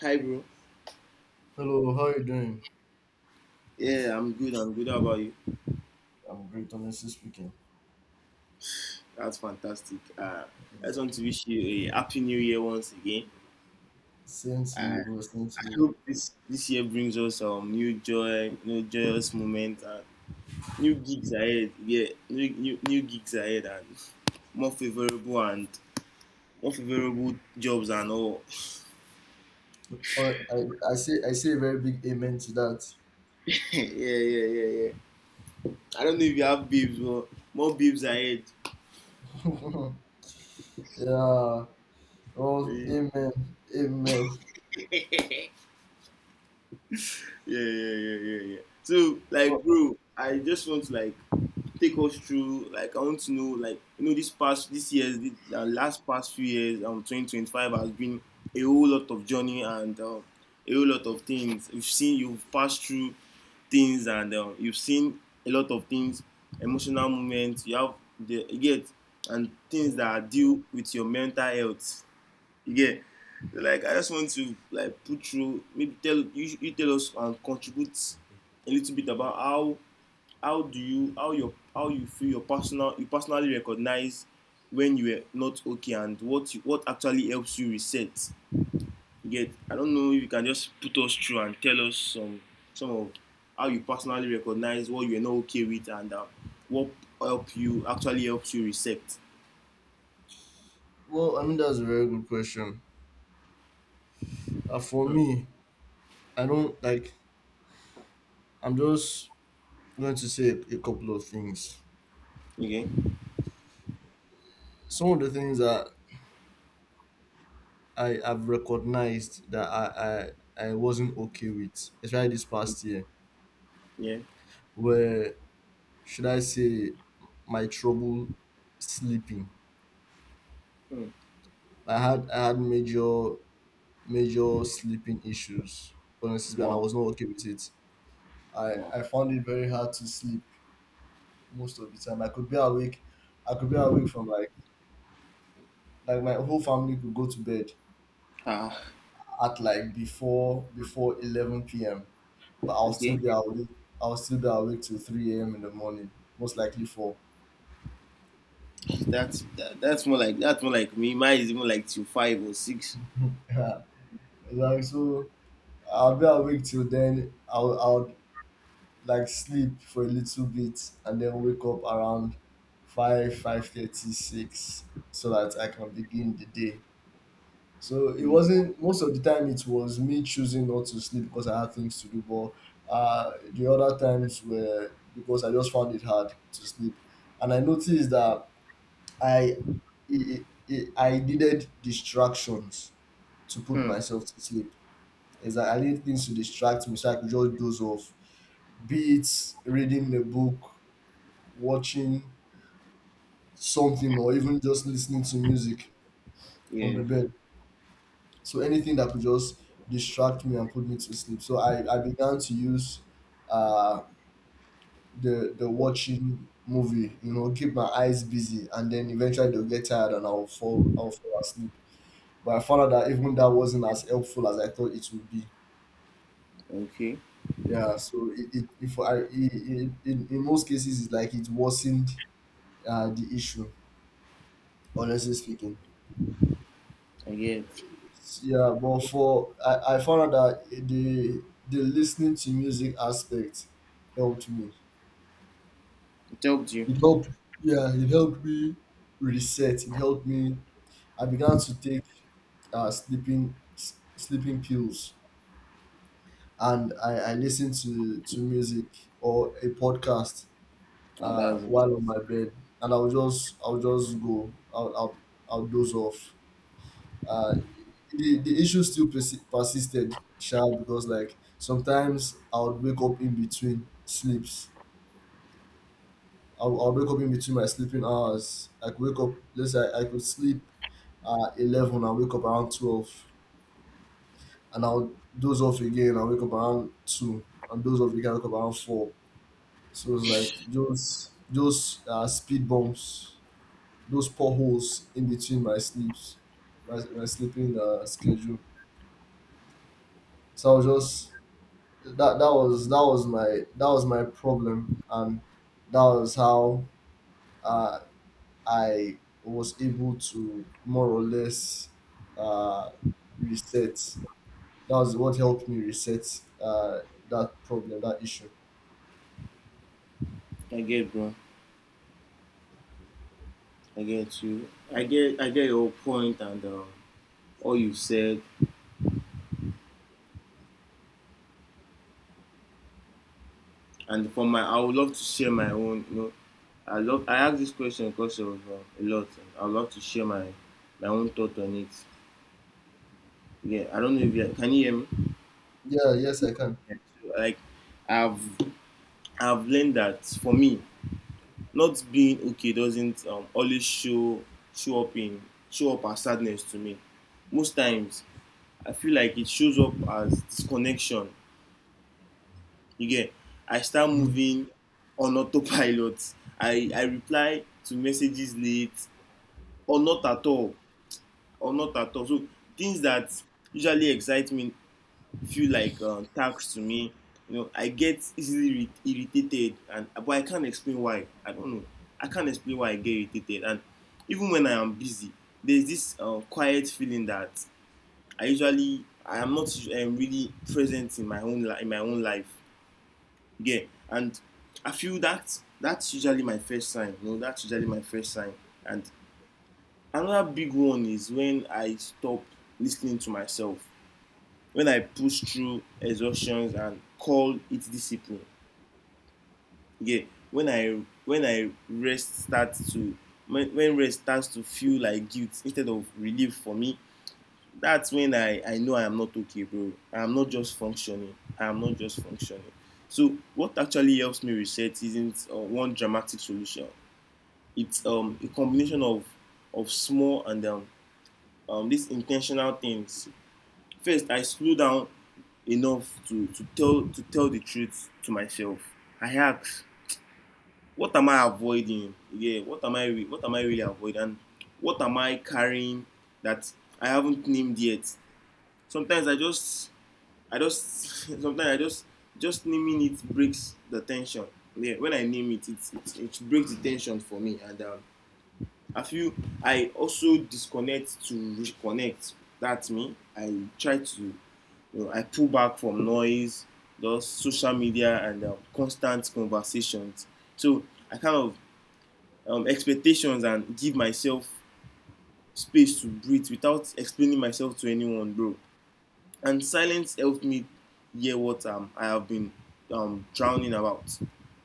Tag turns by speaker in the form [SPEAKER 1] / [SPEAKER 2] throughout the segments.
[SPEAKER 1] Hi, bro.
[SPEAKER 2] Hello, how are you doing?
[SPEAKER 1] Yeah, I'm good. I'm good. How about you?
[SPEAKER 2] I'm great, honestly speaking.
[SPEAKER 1] That's fantastic. I just want to wish you a happy new year once again.
[SPEAKER 2] Same to you,
[SPEAKER 1] Uh,
[SPEAKER 2] bro. Same to
[SPEAKER 1] I
[SPEAKER 2] you.
[SPEAKER 1] hope this year brings us some new joy, new joyous moments, and new gigs ahead. Yeah, new gigs ahead, and more favorable jobs and all.
[SPEAKER 2] Hon- I, I say a very big amen to that.
[SPEAKER 1] Yeah, yeah, yeah, yeah. I don't know if you have babes, but more babes ahead.
[SPEAKER 2] Yeah. Oh,
[SPEAKER 1] Yeah,
[SPEAKER 2] amen, amen.
[SPEAKER 1] yeah, yeah, yeah, yeah. Yeah. So,
[SPEAKER 2] Well,
[SPEAKER 1] like, bro, I just want to like take us through, like, I want to know, like, this past this year's the last past few years 2025 has been a whole lot of journey and a whole lot of things you've seen, you've passed through things and you've seen a lot of things, emotional moments you have, the you get, and things that are deal with your mental health, you get. Like, I just want to like put through, maybe tell you, you tell us and contribute a little bit about how do you how your how you feel your personally recognize when you are not okay, and what actually helps you reset, you get. I don't know if you can just put us through and tell us some of how you personally recognize what you are not okay with, and what help you actually helps you reset.
[SPEAKER 2] well, I mean that's a very good question. For
[SPEAKER 1] Mm.
[SPEAKER 2] me, I don't like. I'm just going to say a couple of things.
[SPEAKER 1] Okay.
[SPEAKER 2] Some of the things that I have recognized that I wasn't okay with, especially this past year,
[SPEAKER 1] Yeah.
[SPEAKER 2] were, should I say, my trouble sleeping.
[SPEAKER 1] Mm.
[SPEAKER 2] I had major sleeping issues, honestly, and I
[SPEAKER 1] Wow.
[SPEAKER 2] was not okay with it. I,
[SPEAKER 1] Wow.
[SPEAKER 2] I found it very hard to sleep most of the time. I could be awake from like my whole family could go to bed
[SPEAKER 1] Ah.
[SPEAKER 2] at before 11 p.m., but I'll still
[SPEAKER 1] Okay.
[SPEAKER 2] be awake I'll still be awake till 3 a.m. in the morning, most likely 4.
[SPEAKER 1] That's more like, that's more like me, mine is more like 2, 5 or six.
[SPEAKER 2] Yeah. Like, so I'll be awake till then. I'll like sleep for a little bit and then wake up around 5 five thirty six, so that I can begin the day. So it
[SPEAKER 1] Mm.
[SPEAKER 2] wasn't— most of the time it was me choosing not to sleep because I had things to do, but the other times were because I just found it hard to sleep. And I noticed that i I needed distractions to put
[SPEAKER 1] Hmm.
[SPEAKER 2] myself to sleep. Is that I need things to distract me so I could just doze off, be it reading a book, watching something, or even just listening to music on the
[SPEAKER 1] Yeah.
[SPEAKER 2] bed. So anything that could just distract me and put me to sleep. So I began to use, uh, the watching movie, you know, keep my eyes busy, and then eventually they'll get tired and I'll fall asleep. But I found out that even that wasn't as helpful as I thought it would be.
[SPEAKER 1] Okay.
[SPEAKER 2] Yeah, so, it if I it, it, in most cases it's like it worsened, the issue, honestly speaking.
[SPEAKER 1] I get.
[SPEAKER 2] Yeah, but for I found out that the listening to music aspect helped me.
[SPEAKER 1] It helped you.
[SPEAKER 2] It helped, yeah, it helped me reset. It helped me. I began to take sleeping sleeping pills, and I listened to, music or a podcast
[SPEAKER 1] Ah, that's it.
[SPEAKER 2] while on my bed, and I'll just go. I'll doze off. uh, the issue still persisted, sha, because like, sometimes I would wake up in between sleeps. I would wake up in between my sleeping hours. I could wake up, let's say I could sleep at 11 and wake up around 12. And I'll doze off again and wake up around 2. And doze off again, wake up around 4. So it's like those, speed bumps, those potholes in between my sleeps, my sleeping, schedule. So I was just— that was my problem, and that was how uh, I was able to more or less, uh, reset. That was what helped me reset, uh, that problem, that issue.
[SPEAKER 1] I get, bro. I get you. I get. I get your point, and all you said. And for my, I would love to share my own. I love. I asked this question because of a lot. And I would love to share my my own thought on it. Yeah, I don't know if you hear me.
[SPEAKER 2] Yeah, yes, I can.
[SPEAKER 1] Yeah, so, like, I've I've learned that for me, not being okay doesn't always show up in show up as sadness to me. Most times, I feel like it shows up as disconnection. You get, I start
[SPEAKER 2] Mm,
[SPEAKER 1] moving on autopilot. I reply to messages late or not at all or not at all. So things that usually excite me feel like tasks to me. You know, I get easily irritated, and but I can't explain why. I don't know. I can't explain why I get irritated, and even when I am busy, there's this quiet feeling that I am not really present in in my own life. Yeah, and I feel that that's usually my first sign. You know, that's usually my first sign. And another big one is when I stop listening to myself. When I push through exhaustions and call it discipline. Yeah, when I when I rest starts to when rest starts to feel like guilt instead of relief for me, that's when I know I am not okay, bro. I am not just functioning. I am not just functioning. So what actually helps me reset isn't one dramatic solution. It's a combination of small and these intentional things. First, I slow down enough to, to tell the truth to myself. I ask, what am I avoiding? Yeah, what am I really avoiding? And what am I carrying that I haven't named yet? Sometimes I just sometimes I just naming it breaks the tension. Yeah, when I name it, it breaks the tension for me, and I feel I also disconnect to reconnect. That's me. I try to, you know, I pull back from noise, those social media, and constant conversations. So I kind of expectations and give myself space to breathe without explaining myself to anyone, bro, and silence helped me hear what I have been drowning about.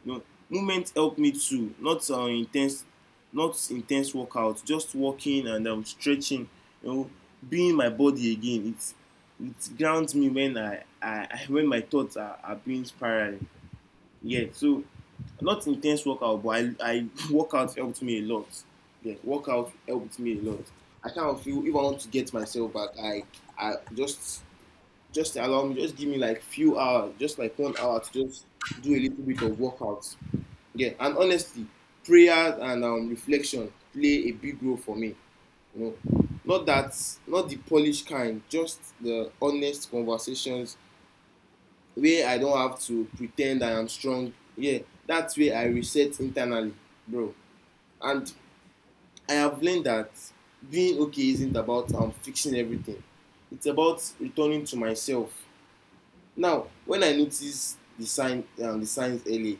[SPEAKER 1] You know, movement helped me too. Not intense workouts, just walking and stretching. You know, being my body again. It grounds me when I when my thoughts are being spiraling. Yeah, so not intense workout, but I workout helped me a lot. Yeah, workout helped me a lot. I kind of feel if I want to get myself back, I just allow me, just give me like few hours, just like 1 hour to just do a little bit of workouts. Yeah, and honestly, prayer and reflection play a big role for me. You know, not the polished kind, just the honest conversations where I don't have to pretend I am strong. Yeah, that's where I reset internally, bro. And I have learned that being okay isn't about fixing everything. It's about returning to myself. Now, when I notice the signs early,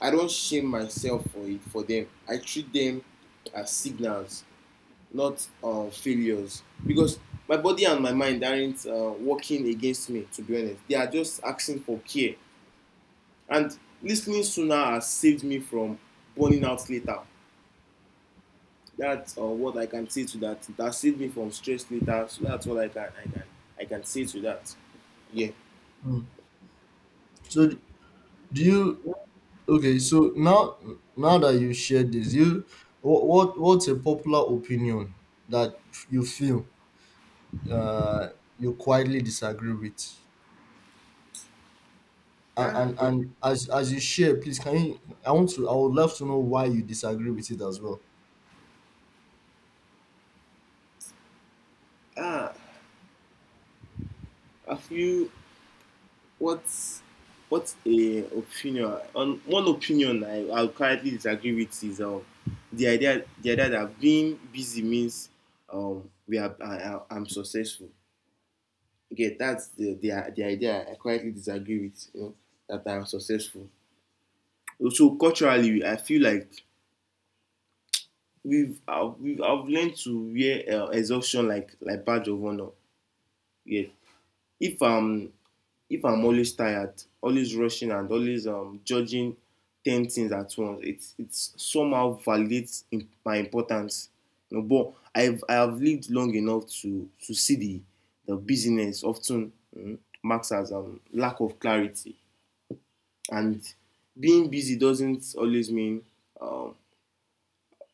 [SPEAKER 1] I don't shame myself for them. I treat them as signals, not failures, because my body and my mind aren't working against me. To be honest, they are just asking for care. And listening sooner has saved me from burning out later. That's what I can say to that. That saved me from stress later. So that's what I can say to that. Yeah.
[SPEAKER 2] mm. So do you— okay, so now, now that you shared this, you— what what's a popular opinion that you feel, uh, you quietly disagree with? and
[SPEAKER 1] Ah,
[SPEAKER 2] and, and as you share, please, can you— I want to— I would love to know why you disagree with it as well.
[SPEAKER 1] ah. Have you What's what's a opinion on one opinion I currently disagree with is the idea that being busy means we are I- I'm successful. Okay, that's the idea I currently disagree with. You know, that I'm successful. So culturally, I feel like we've I've learned to wear exhaustion like badge of honor. Yeah, if I'm if I'm always tired, always rushing, and always judging 10 things at once, it somehow validates my importance. You know, but I have lived long enough to see the busyness often marks as lack of clarity. And being busy doesn't always mean um,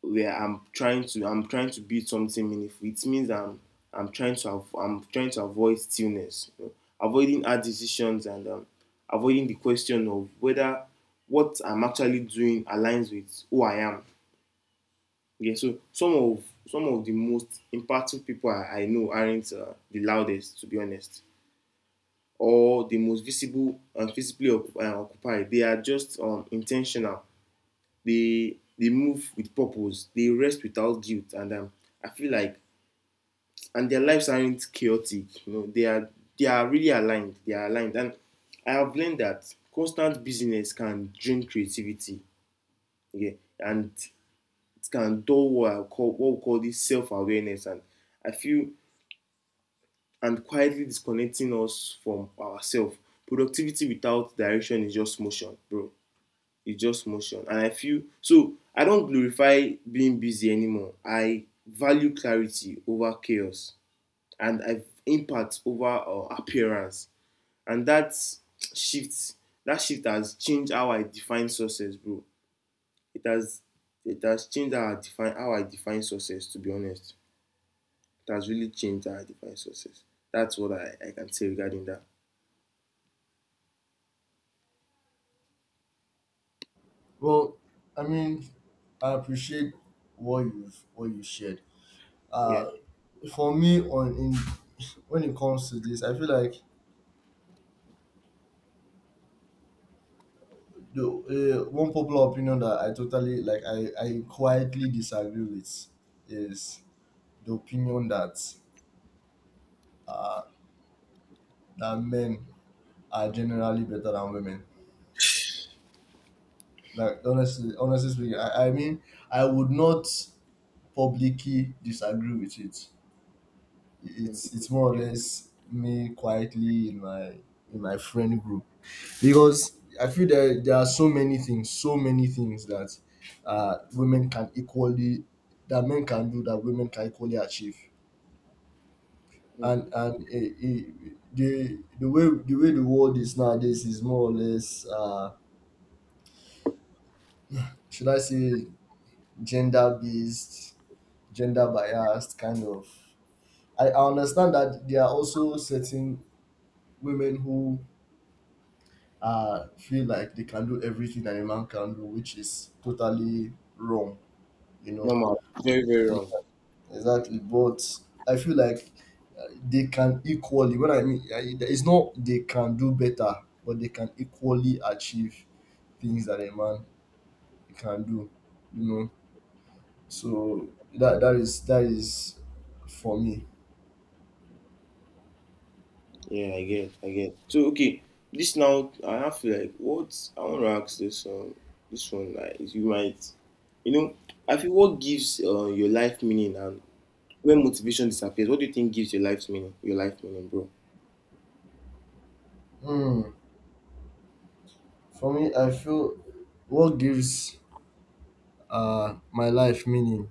[SPEAKER 1] where I'm trying to, I'm trying to build something meaningful. It means I'm trying to I'm trying to avoid stillness, you know, avoiding hard decisions and avoiding the question of whether what I'm actually doing aligns with who I am. Yeah, so some of the most impactful people I know aren't the loudest, to be honest, or the most visible and physically occupied. They are just intentional. They move with purpose, they rest without guilt, and I feel like and their lives aren't chaotic. You know, they are, they are really aligned, they are aligned. And I have learned that constant busyness can drain creativity. Okay. And it can dull what I call, what we call this self-awareness, and I feel and quietly disconnecting us from ourselves. Productivity without direction is just motion, bro. It's just motion. And I feel so I don't glorify being busy anymore. I value clarity over chaos, and I impact over appearance. And shift that shift has changed how I define success, bro. It has. It has changed how I define success, to be honest. It has really changed how I define success. That's what I can say regarding that.
[SPEAKER 2] Well, I mean, I appreciate what you shared.
[SPEAKER 1] Yeah.
[SPEAKER 2] uh for me, on in when it comes to this, I feel like the, one popular opinion that I totally, like I quietly disagree with is the opinion that, uh men are generally better than women. Like, honestly, honestly speaking I mean, I would not publicly disagree with it. It's more or less me quietly in my friend group, because I feel that there are so many things that, women can equally— that men can do that women can equally achieve.
[SPEAKER 1] Mm.
[SPEAKER 2] And the way the world is nowadays is more or less, should I say, gender based, gender biased, kind of. I understand that there are also certain women who, feel like they can do everything that a man can do, which is totally wrong, you know.
[SPEAKER 1] Normal, very, very wrong.
[SPEAKER 2] Exac- Exactly. But I feel like, they can equally— when I mean, I, it's not they can do better, but they can equally achieve things that a man can do, you know. So that is for me.
[SPEAKER 1] Yeah, I get, I get. So okay, this now I have to like what I want to ask this this one like is you might you know, I feel what gives your life meaning, and when motivation disappears, what do you think gives your life meaning? Your life meaning, bro.
[SPEAKER 2] Hmm. For me, I feel what gives, my life meaning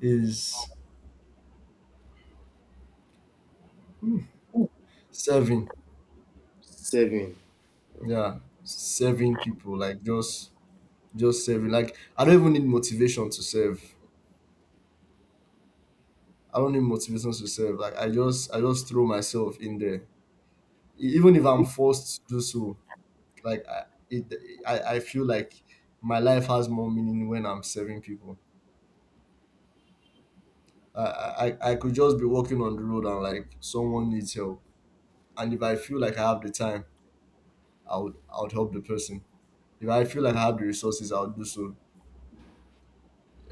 [SPEAKER 2] is— serving,
[SPEAKER 1] Seven.
[SPEAKER 2] yeah, serving people, like, just serving. Like, I don't even need motivation to serve. I don't need motivation to serve. Like, I just throw myself in there, even if I'm forced to do so. Like, it, I feel like my life has more meaning when I'm serving people. I could just be walking on the road, and like, someone needs help, and if I feel like I have the time, I would help the person. If I feel like
[SPEAKER 1] Mm,
[SPEAKER 2] I have the resources, I would do so.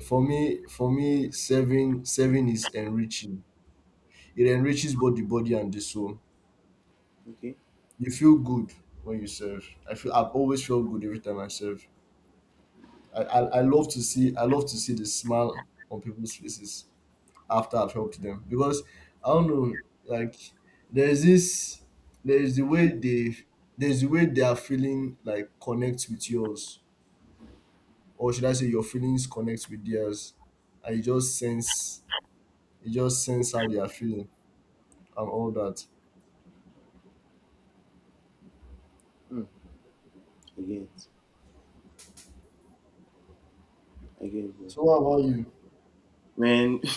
[SPEAKER 2] For me, serving is enriching. It enriches both the body and the soul.
[SPEAKER 1] okay.
[SPEAKER 2] You feel good when you serve. I feel I've always felt good every time I serve. I love to see— the smile on people's faces after I've helped them, because I don't know, like, there's this— there's the way they there's the way their feeling like connects with yours, or should I say, your feelings connect with theirs, and you just sense how they are feeling and all that.
[SPEAKER 1] Mm, I get, I get, bro.
[SPEAKER 2] So what about you?
[SPEAKER 1] Man,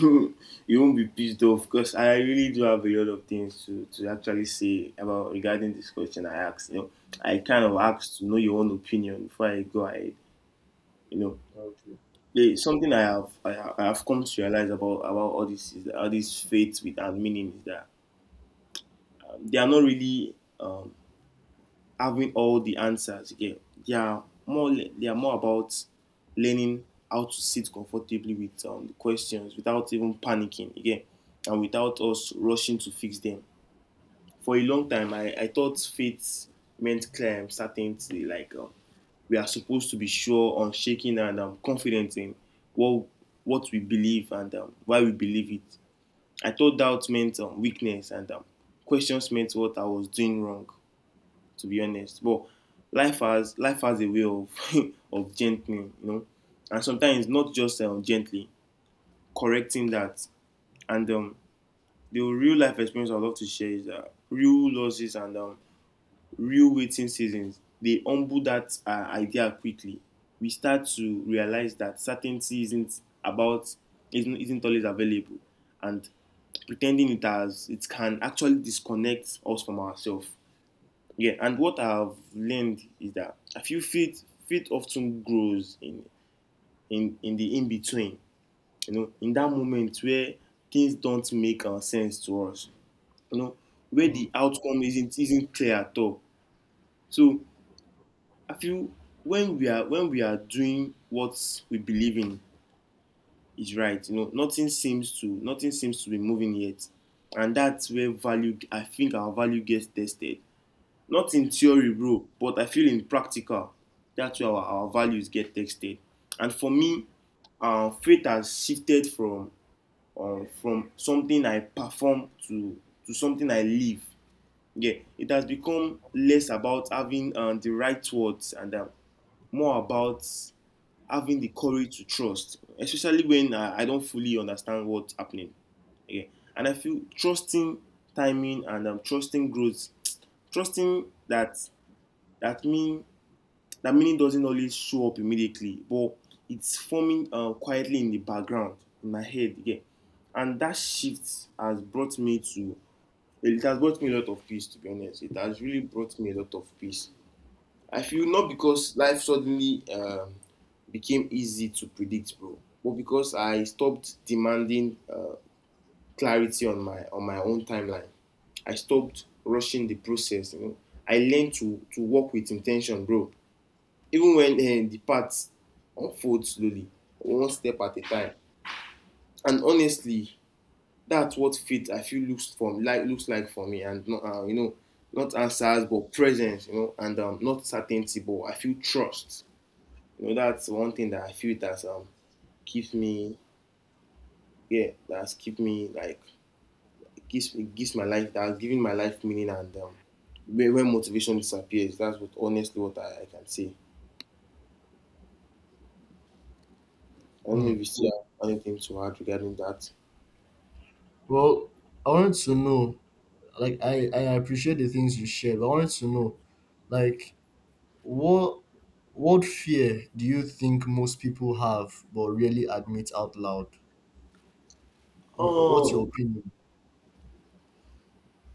[SPEAKER 1] you won't be pissed off because I really do have a lot of things to actually say about regarding this question I asked. You know, I kind of asked to know your own opinion before I go ahead. You know,
[SPEAKER 2] Okay.
[SPEAKER 1] yeah, something I have come to realize about all this is, all these faith with and meaning is that they are not really having all the answers. Yeah, they are more they are more about learning how to sit comfortably with the questions without even panicking again, and without us rushing to fix them. For a long time, I thought faith meant clear certainty, like we are supposed to be sure, unshaken, and confident in what what we believe and why we believe it. I thought doubt meant weakness, and questions meant what I was doing wrong. To be honest, but life has a way of of gentling, and sometimes not just gently correcting that. And the real life experience I'd love to share is that real losses and real waiting seasons. They humble that idea quickly. We start to realize that certainty isn't about isn't always available, and pretending it has it can actually disconnect us from ourselves. Yeah, and what I've learned is that I feel faith often grows in in the in between. You know, in that moment where things don't make sense to us, you know, where
[SPEAKER 2] Mm.
[SPEAKER 1] the outcome isn't clear at all. So I feel when we are doing what we believe in is right, you know, nothing seems to be moving yet, and that's where value. I think our value gets tested. Not in theory, bro, but I feel in practical. That's where our values get tested. And for me, faith has shifted from something I perform to something I live. Yeah, it has become less about having the right words and more about having the courage to trust, especially when I don't fully understand what's happening. Okay. And I feel trusting timing and trusting growth, trusting that mean that meaning doesn't always show up immediately, but it's forming quietly in the background in my head. Yeah. And that shift has brought me to it has brought me a lot of peace, to be honest. It has really brought me a lot of peace. I feel not because life suddenly became easy to predict, bro, but because I stopped demanding clarity on my own timeline. I stopped rushing the process. You know, I learned to work with intention, bro. Even when the path unfolds slowly, one step at a time. And honestly, that's what faith I feel looks like for me, and not not answers but presence, you know, and not certainty, but I feel trust. You know, that's one thing that I feel that keeps me. Yeah, that's keep me like it gives my life that's giving my life meaning. And when motivation disappears, that's what honestly what I can say. I don't know if
[SPEAKER 2] Mm.
[SPEAKER 1] you still have anything to add regarding that.
[SPEAKER 2] Well, I wanted to know, like, I appreciate the things you shared. But I wanted to know, like, what what fear do you think most people have but really admit out loud? What's your
[SPEAKER 1] Oh
[SPEAKER 2] opinion?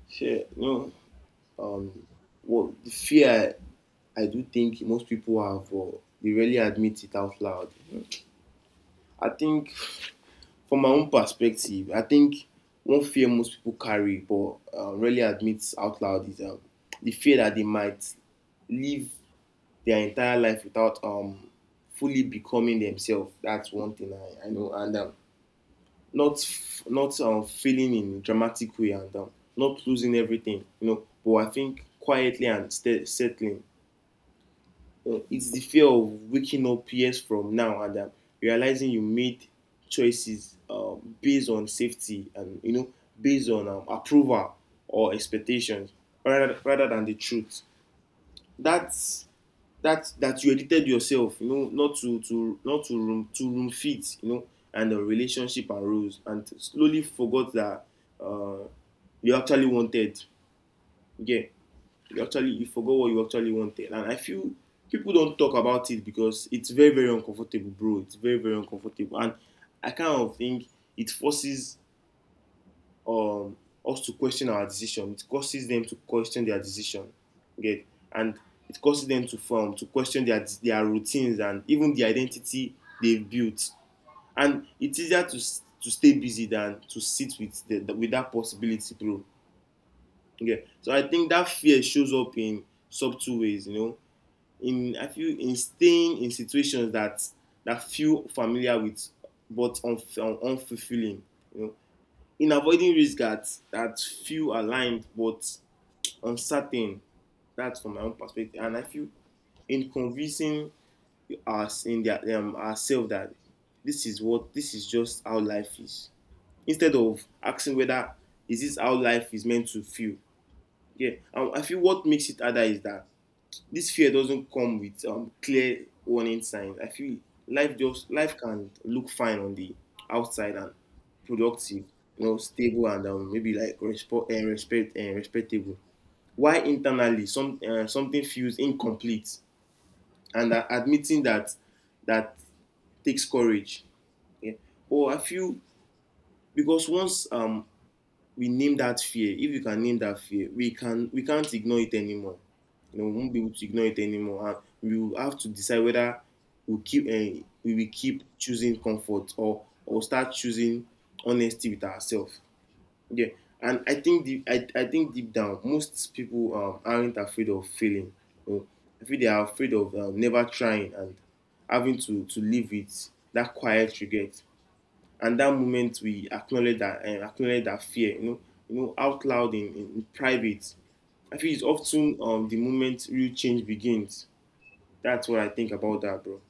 [SPEAKER 1] shit, no. Um well, the fear I do think most people have or they rarely admit it out loud. I think from my own perspective, I think one fear most people carry but rarely admits out loud is, the fear that they might live their entire life without fully becoming themselves. That's one thing I know. And not feeling in a dramatic way and not losing everything, you know. But I think quietly and settling, it's the fear of waking up years from now and, realizing you made choices based on safety, and you know, based on approval or expectations, rather than the truth. That's that you edited yourself, you know, not to room fit, you know, and the relationship and rules, and slowly forgot that uh, you actually wanted. Yeah, you actually you forgot what you actually wanted. And I feel people don't talk about it because it's very very uncomfortable, bro. It's very very uncomfortable. And I kind of think it forces um us to question our decision. It causes them to question their decision. Okay. And it causes them to form to question their routines and even the identity they've built. And it's easier to stay busy than to sit with the with that possibility, bro. Okay, so I think that fear shows up in subtle ways, you know, in I feel in staying in situations that that feel familiar with but unfulfilling. You know, in avoiding risks that that feel aligned but uncertain. That's from my own perspective, and I feel in convincing us in their ourselves that this is what this is just how life is. Instead of asking whether is this how life is meant to feel. Yeah, and I feel what makes it harder is that this fear doesn't come with clear warning signs. I feel life can look fine on the outside and productive, you know, stable and, maybe like respectable. Why internally some something feels incomplete. And admitting that that takes courage. Yeah. But I feel because once we name that fear, if you can name that fear, we can't ignore it anymore. You know, we won't be able to ignore it anymore. And we will have to decide whether we keep we will keep choosing comfort, or start choosing honesty with ourselves. Yeah, and I think I think deep down most people aren't afraid of failing, you know? I feel they are afraid of never trying and having to live with that quiet regret. And that moment we acknowledge that fear, you know, you know out loud in private, I feel it's often the moment real change begins. That's what I think about that, bro.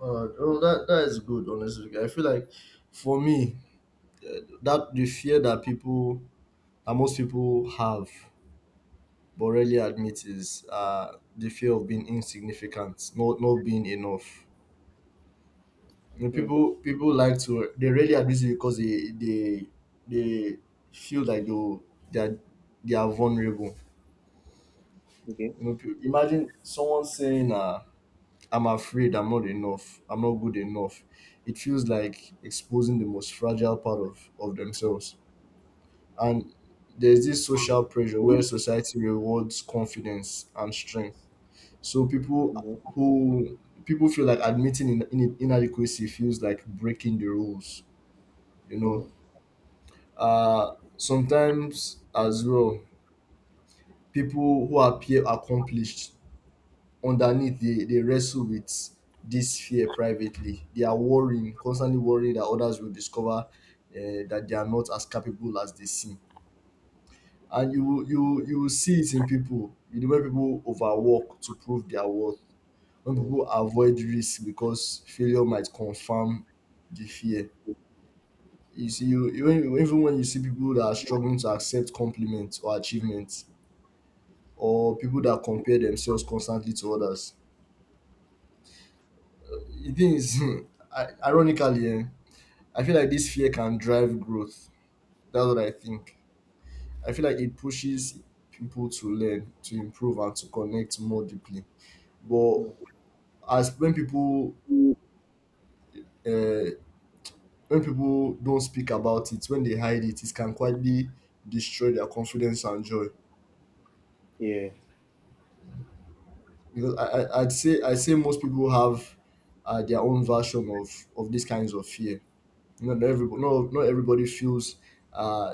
[SPEAKER 2] Oh, that is good. Honestly, I feel like, for me, that the fear that people that most people have but rarely admit is, the fear of being insignificant, not, not being enough. You know,
[SPEAKER 1] Mm,
[SPEAKER 2] people like to— they rarely admit it because they feel like they are they are vulnerable.
[SPEAKER 1] okay.
[SPEAKER 2] You know, imagine someone saying, "I'm afraid I'm not enough. I'm not good enough." It feels like exposing the most fragile part of themselves, and there's this social pressure where
[SPEAKER 1] Mm,
[SPEAKER 2] society rewards confidence and strength. So
[SPEAKER 1] mm,
[SPEAKER 2] who people feel like admitting, in inadequacy feels like breaking the rules, you know.
[SPEAKER 1] mm,
[SPEAKER 2] Sometimes as well, people who appear accomplished, underneath they wrestle with this fear privately. They are worrying, constantly worrying that others will discover, that they are not as capable as they seem. And you will see it in people. You know, when people overwork to prove their worth, when people avoid risk because failure might confirm the fear. You see, even when you see people that are struggling to accept compliments or achievements, or people that compare themselves constantly to others, the thing is, ironically, I feel like this fear can drive growth. That's what I think. I feel like it pushes people to learn, to improve, and to connect more deeply. But as
[SPEAKER 1] mm.
[SPEAKER 2] uh, when people don't speak about it, when they hide it, it can quietly destroy their confidence and joy.
[SPEAKER 1] yeah
[SPEAKER 2] Because I say most people have, their own version of these kinds of fear. You know, not, not everybody feels, uh,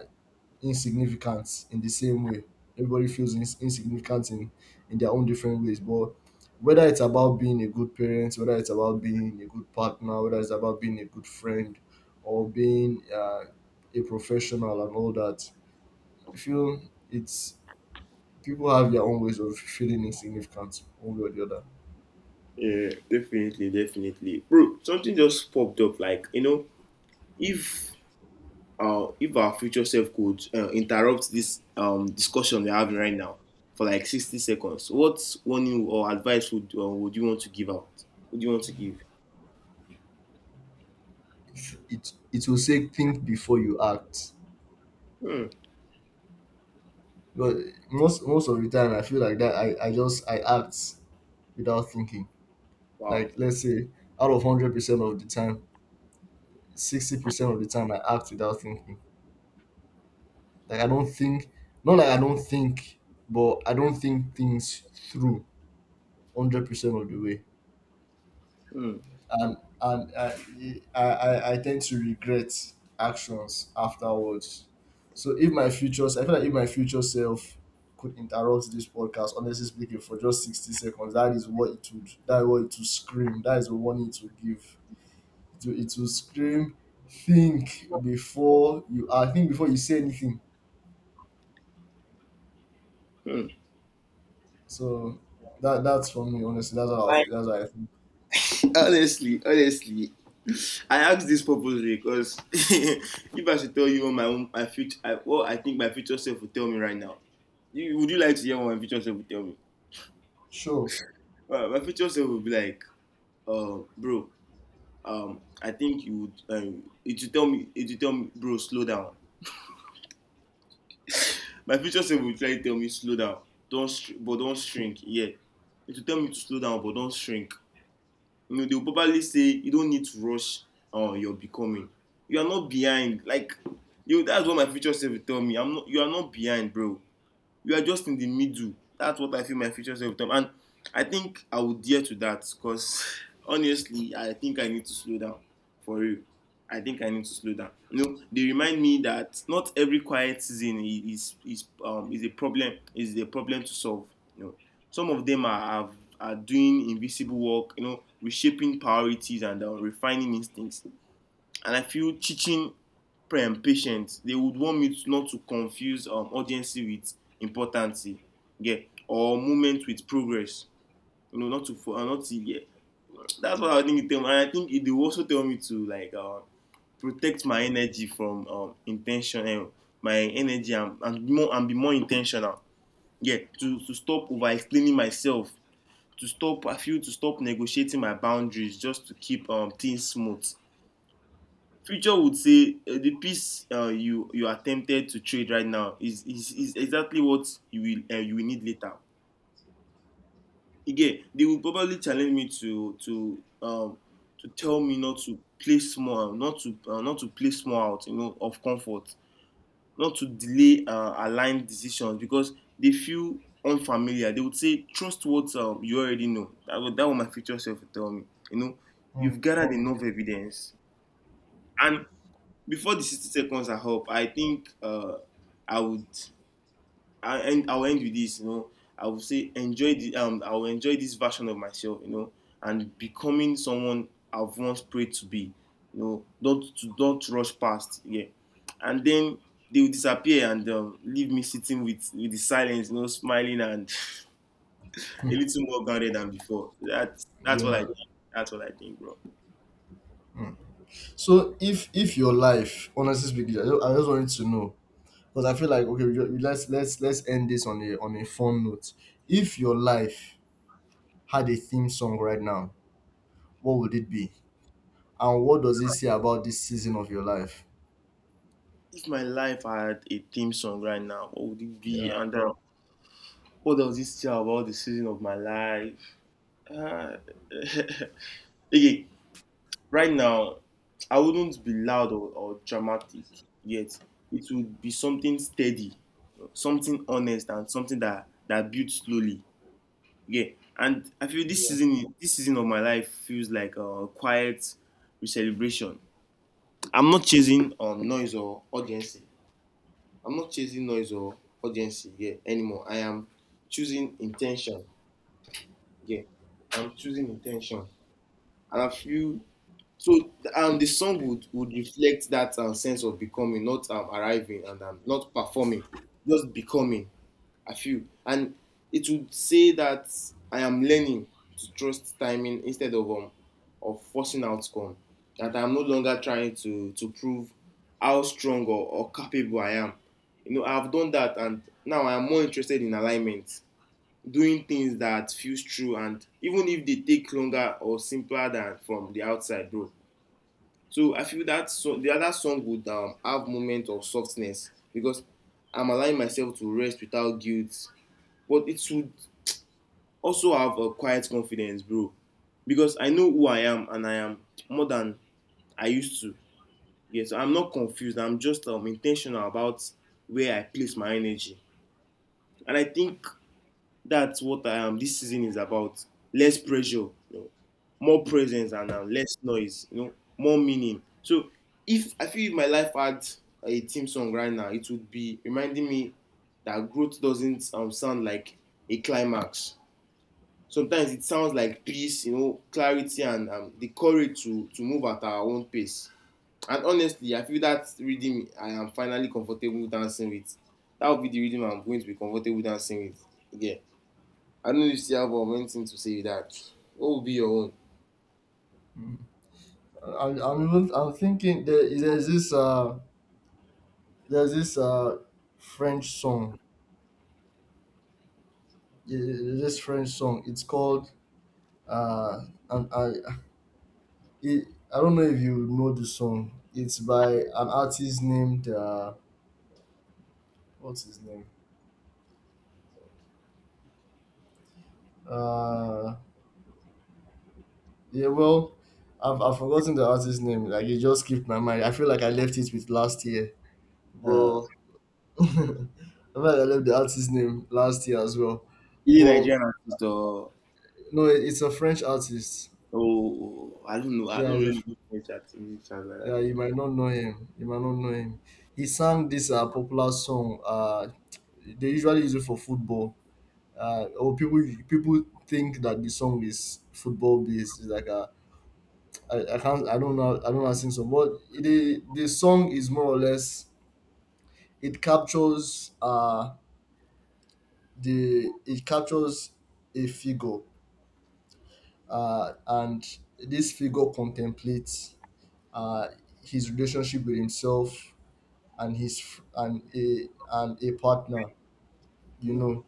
[SPEAKER 2] insignificant in the same way. Everybody feels insignificant in their own different ways. But whether it's about being a good parent, whether it's about being a good partner, whether it's about being a good friend, or being, a professional, and all that, I feel it's people have their own ways of feeling insignificant, one way or the other.
[SPEAKER 1] yeah, definitely, definitely, bro. Something just popped up, like, you know, if if our future self could interrupt this discussion we're having right now for like 60 seconds, what warning or advice would you want to give out? Would you want to give?
[SPEAKER 2] It will say, think before you act.
[SPEAKER 1] Hmm.
[SPEAKER 2] But most of the time I feel like that I act without thinking.
[SPEAKER 1] Wow.
[SPEAKER 2] Like, let's say, out of 100% of the time, 60% of the time I act without thinking. Like, I don't think— not like I don't think, but I don't think things through 100% of the way.
[SPEAKER 1] Hmm.
[SPEAKER 2] And I tend to regret actions afterwards. So if my future, I feel like if my future self could interrupt this podcast, honestly speaking, for just 60 seconds, that is what it would. That is what it would scream. That is the warning to give. It will scream. Think before you. I, think before you say anything.
[SPEAKER 1] Hmm.
[SPEAKER 2] So that's for me. Honestly, that's how I
[SPEAKER 1] Like,
[SPEAKER 2] think. That's what I think.
[SPEAKER 1] honestly, honestly, I asked this purposely because if I should tell you what my own, my future, I, what I think my future self would tell me right now, you, would you like to hear what my future self would tell me?
[SPEAKER 2] Sure.
[SPEAKER 1] Well, my future self would be like, bro, I think you would. It will tell me. It will tell me, bro, slow down. My future self will try to tell me slow down. Don't, str- but Don't shrink. Yeah, it will tell me to slow down, but don't shrink. You know, they will probably say you don't need to rush. Your becoming. You are not behind. Like, you. That's what my future self will tell me. I'm not. You are not behind, bro. You are just in the middle. That's what I feel my future self time. And I think I would adhere to that because honestly I think I need to slow down, for real. I think I need to slow down. You know, they remind me that not every quiet season is a problem to solve. You know, some of them are doing invisible work, you know, reshaping priorities and refining instincts, and I feel teaching patient. They would want me to, not to confuse urgency with importance, yeah, or movement with progress. You know, not to yeah. That's what I think they tell me. And I think they also tell me to like protect my energy from intentional my energy and more and be more intentional. Yeah, to stop over explaining myself, to stop I feel to stop negotiating my boundaries just to keep things smooth. Future would say the piece you you attempted to trade right now is exactly what you will need later. Again, they will probably challenge me to tell me not to play small, not to play small out, you know, of comfort, not to delay aligned decisions because they feel unfamiliar. They would say trust what you already know. That would my future self would tell me. You know,
[SPEAKER 2] Mm.
[SPEAKER 1] you've gathered enough evidence, and before the 60 seconds are up, I think I would I'll end with this, you know. I would say enjoy the I will enjoy this version of myself, you know, and becoming someone I've once prayed to be. You know, don't rush past, yeah. And then they will disappear and leave me sitting with the silence, you know, smiling and a little more grounded than before. That's what I
[SPEAKER 2] Yeah.
[SPEAKER 1] think. That's what I think, bro.
[SPEAKER 2] Hmm. So if your life, honestly speaking, I just wanted to know because I feel like, okay, let's end this on a fun note. If your life had a theme song right now, what would it be, and what does it say about this season of your life?
[SPEAKER 1] If my life had a theme song right now, what would it be?
[SPEAKER 2] Yeah,
[SPEAKER 1] And what does this tell about the season of my life? Uh, okay, right now, I wouldn't be loud or dramatic yet. It would be something steady, something honest, and something that that builds slowly. Yeah, and I feel
[SPEAKER 2] yeah.
[SPEAKER 1] this season of my life feels like a quiet celebration. I'm not chasing noise or audience. I'm not chasing noise or audience, yeah, anymore. I am choosing intention. Yeah, I'm choosing intention, and I feel so. And the song would reflect that sense of becoming, not arriving, and not performing, just becoming. I feel, and it would say that I am learning to trust timing instead of forcing outcome. That I'm no longer trying to prove how strong or capable I am. You know, I've done that, and now I am more interested in alignment, doing things that feels true, and even if they take longer or simpler than from the outside, bro. So I feel that. So the other song would have moment of softness because I'm allowing myself to rest without guilt. But it should also have a quiet confidence, bro, because I know who I am, and I am more than I used to. Yes, yeah, so I'm not confused. I'm just intentional about where I place my energy. And I think that's what this season is about. Less pressure, you know, more presence, and less noise. You know, more meaning. So, if I feel if my life had a theme song right now, it would be reminding me that growth doesn't sound like a climax. Sometimes it sounds like peace, you know, clarity, and the courage to move at our own pace. And honestly, I feel that rhythm I am finally comfortable dancing with. That would be the rhythm I'm going to be comfortable dancing with. Yeah. I don't know if Siabo went in to say that. What will be your own?
[SPEAKER 2] Mm. I, I'm even I'm thinking— there, is— there's this, French song. Yeah, there's this French song. It's called, uh and I don't know if you know this song. It's by an artist named, what's his name? Uh, yeah, well, I've forgotten the artist's name. Like, it just skipped my mind. I feel like I left it with last year,
[SPEAKER 1] Uh,
[SPEAKER 2] but I feel like I left the artist's name last year as well.
[SPEAKER 1] either
[SPEAKER 2] But
[SPEAKER 1] Nigerian artist or
[SPEAKER 2] no, it's a French artist.
[SPEAKER 1] oh, I don't know. I
[SPEAKER 2] Yeah,
[SPEAKER 1] don't
[SPEAKER 2] it's a,
[SPEAKER 1] really do much activity stuff like that.
[SPEAKER 2] Yeah.
[SPEAKER 1] Yeah.
[SPEAKER 2] You might not know him. You might not know him. He sang this, popular song. They usually use it for football. Or people think that the song is football based. It's like a, I don't know, how to sing song, but the song is more or less— it captures, the it captures a figure, and this figure contemplates, uh his relationship with himself and a partner, you
[SPEAKER 1] Mm.
[SPEAKER 2] know,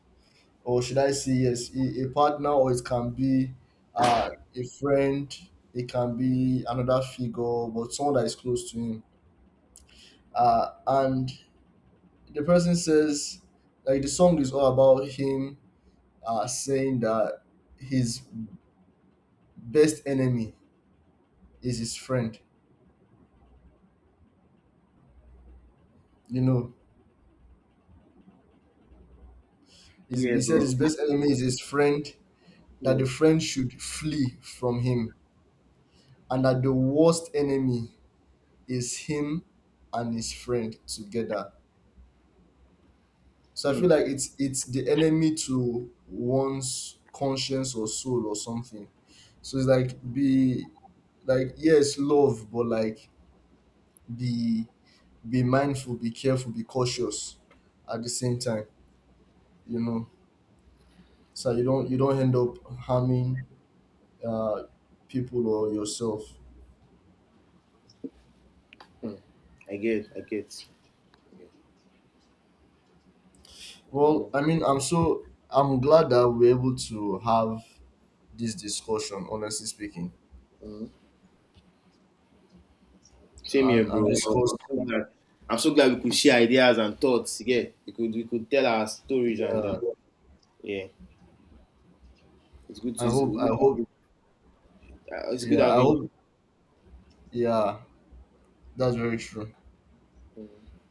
[SPEAKER 2] or should I say, yes, a partner, or it can be, a friend, it can be another figure, but someone that is close to him. And the person says, like, the song is all about him, saying that his best enemy is his friend. You know,
[SPEAKER 1] Yeah,
[SPEAKER 2] he said
[SPEAKER 1] bro.
[SPEAKER 2] his best enemy is his friend, that
[SPEAKER 1] Yeah.
[SPEAKER 2] the friend should flee from him, and that the worst enemy is him and his friend together. So I feel
[SPEAKER 1] Mm.
[SPEAKER 2] like it's the enemy to one's conscience or soul or something. So it's like— be— like, yes, love, but like, be be mindful, be careful, be cautious at the same time, you know. So you don't end up harming, uh people or yourself.
[SPEAKER 1] Mm. I get, I get. Yeah.
[SPEAKER 2] Well, I mean, I'm glad that we're able to have this discussion, honestly speaking.
[SPEAKER 1] Mm. Same here,
[SPEAKER 2] And
[SPEAKER 1] bro.
[SPEAKER 2] and discuss—
[SPEAKER 1] I'm so glad we could share ideas and thoughts. Yeah, we could tell our stories and
[SPEAKER 2] yeah,
[SPEAKER 1] yeah, it's good. To, it's good.
[SPEAKER 2] I
[SPEAKER 1] Having,
[SPEAKER 2] hope.
[SPEAKER 1] it's good
[SPEAKER 2] Yeah, I
[SPEAKER 1] having
[SPEAKER 2] hope.
[SPEAKER 1] you.
[SPEAKER 2] Yeah, that's very true.
[SPEAKER 1] Mm.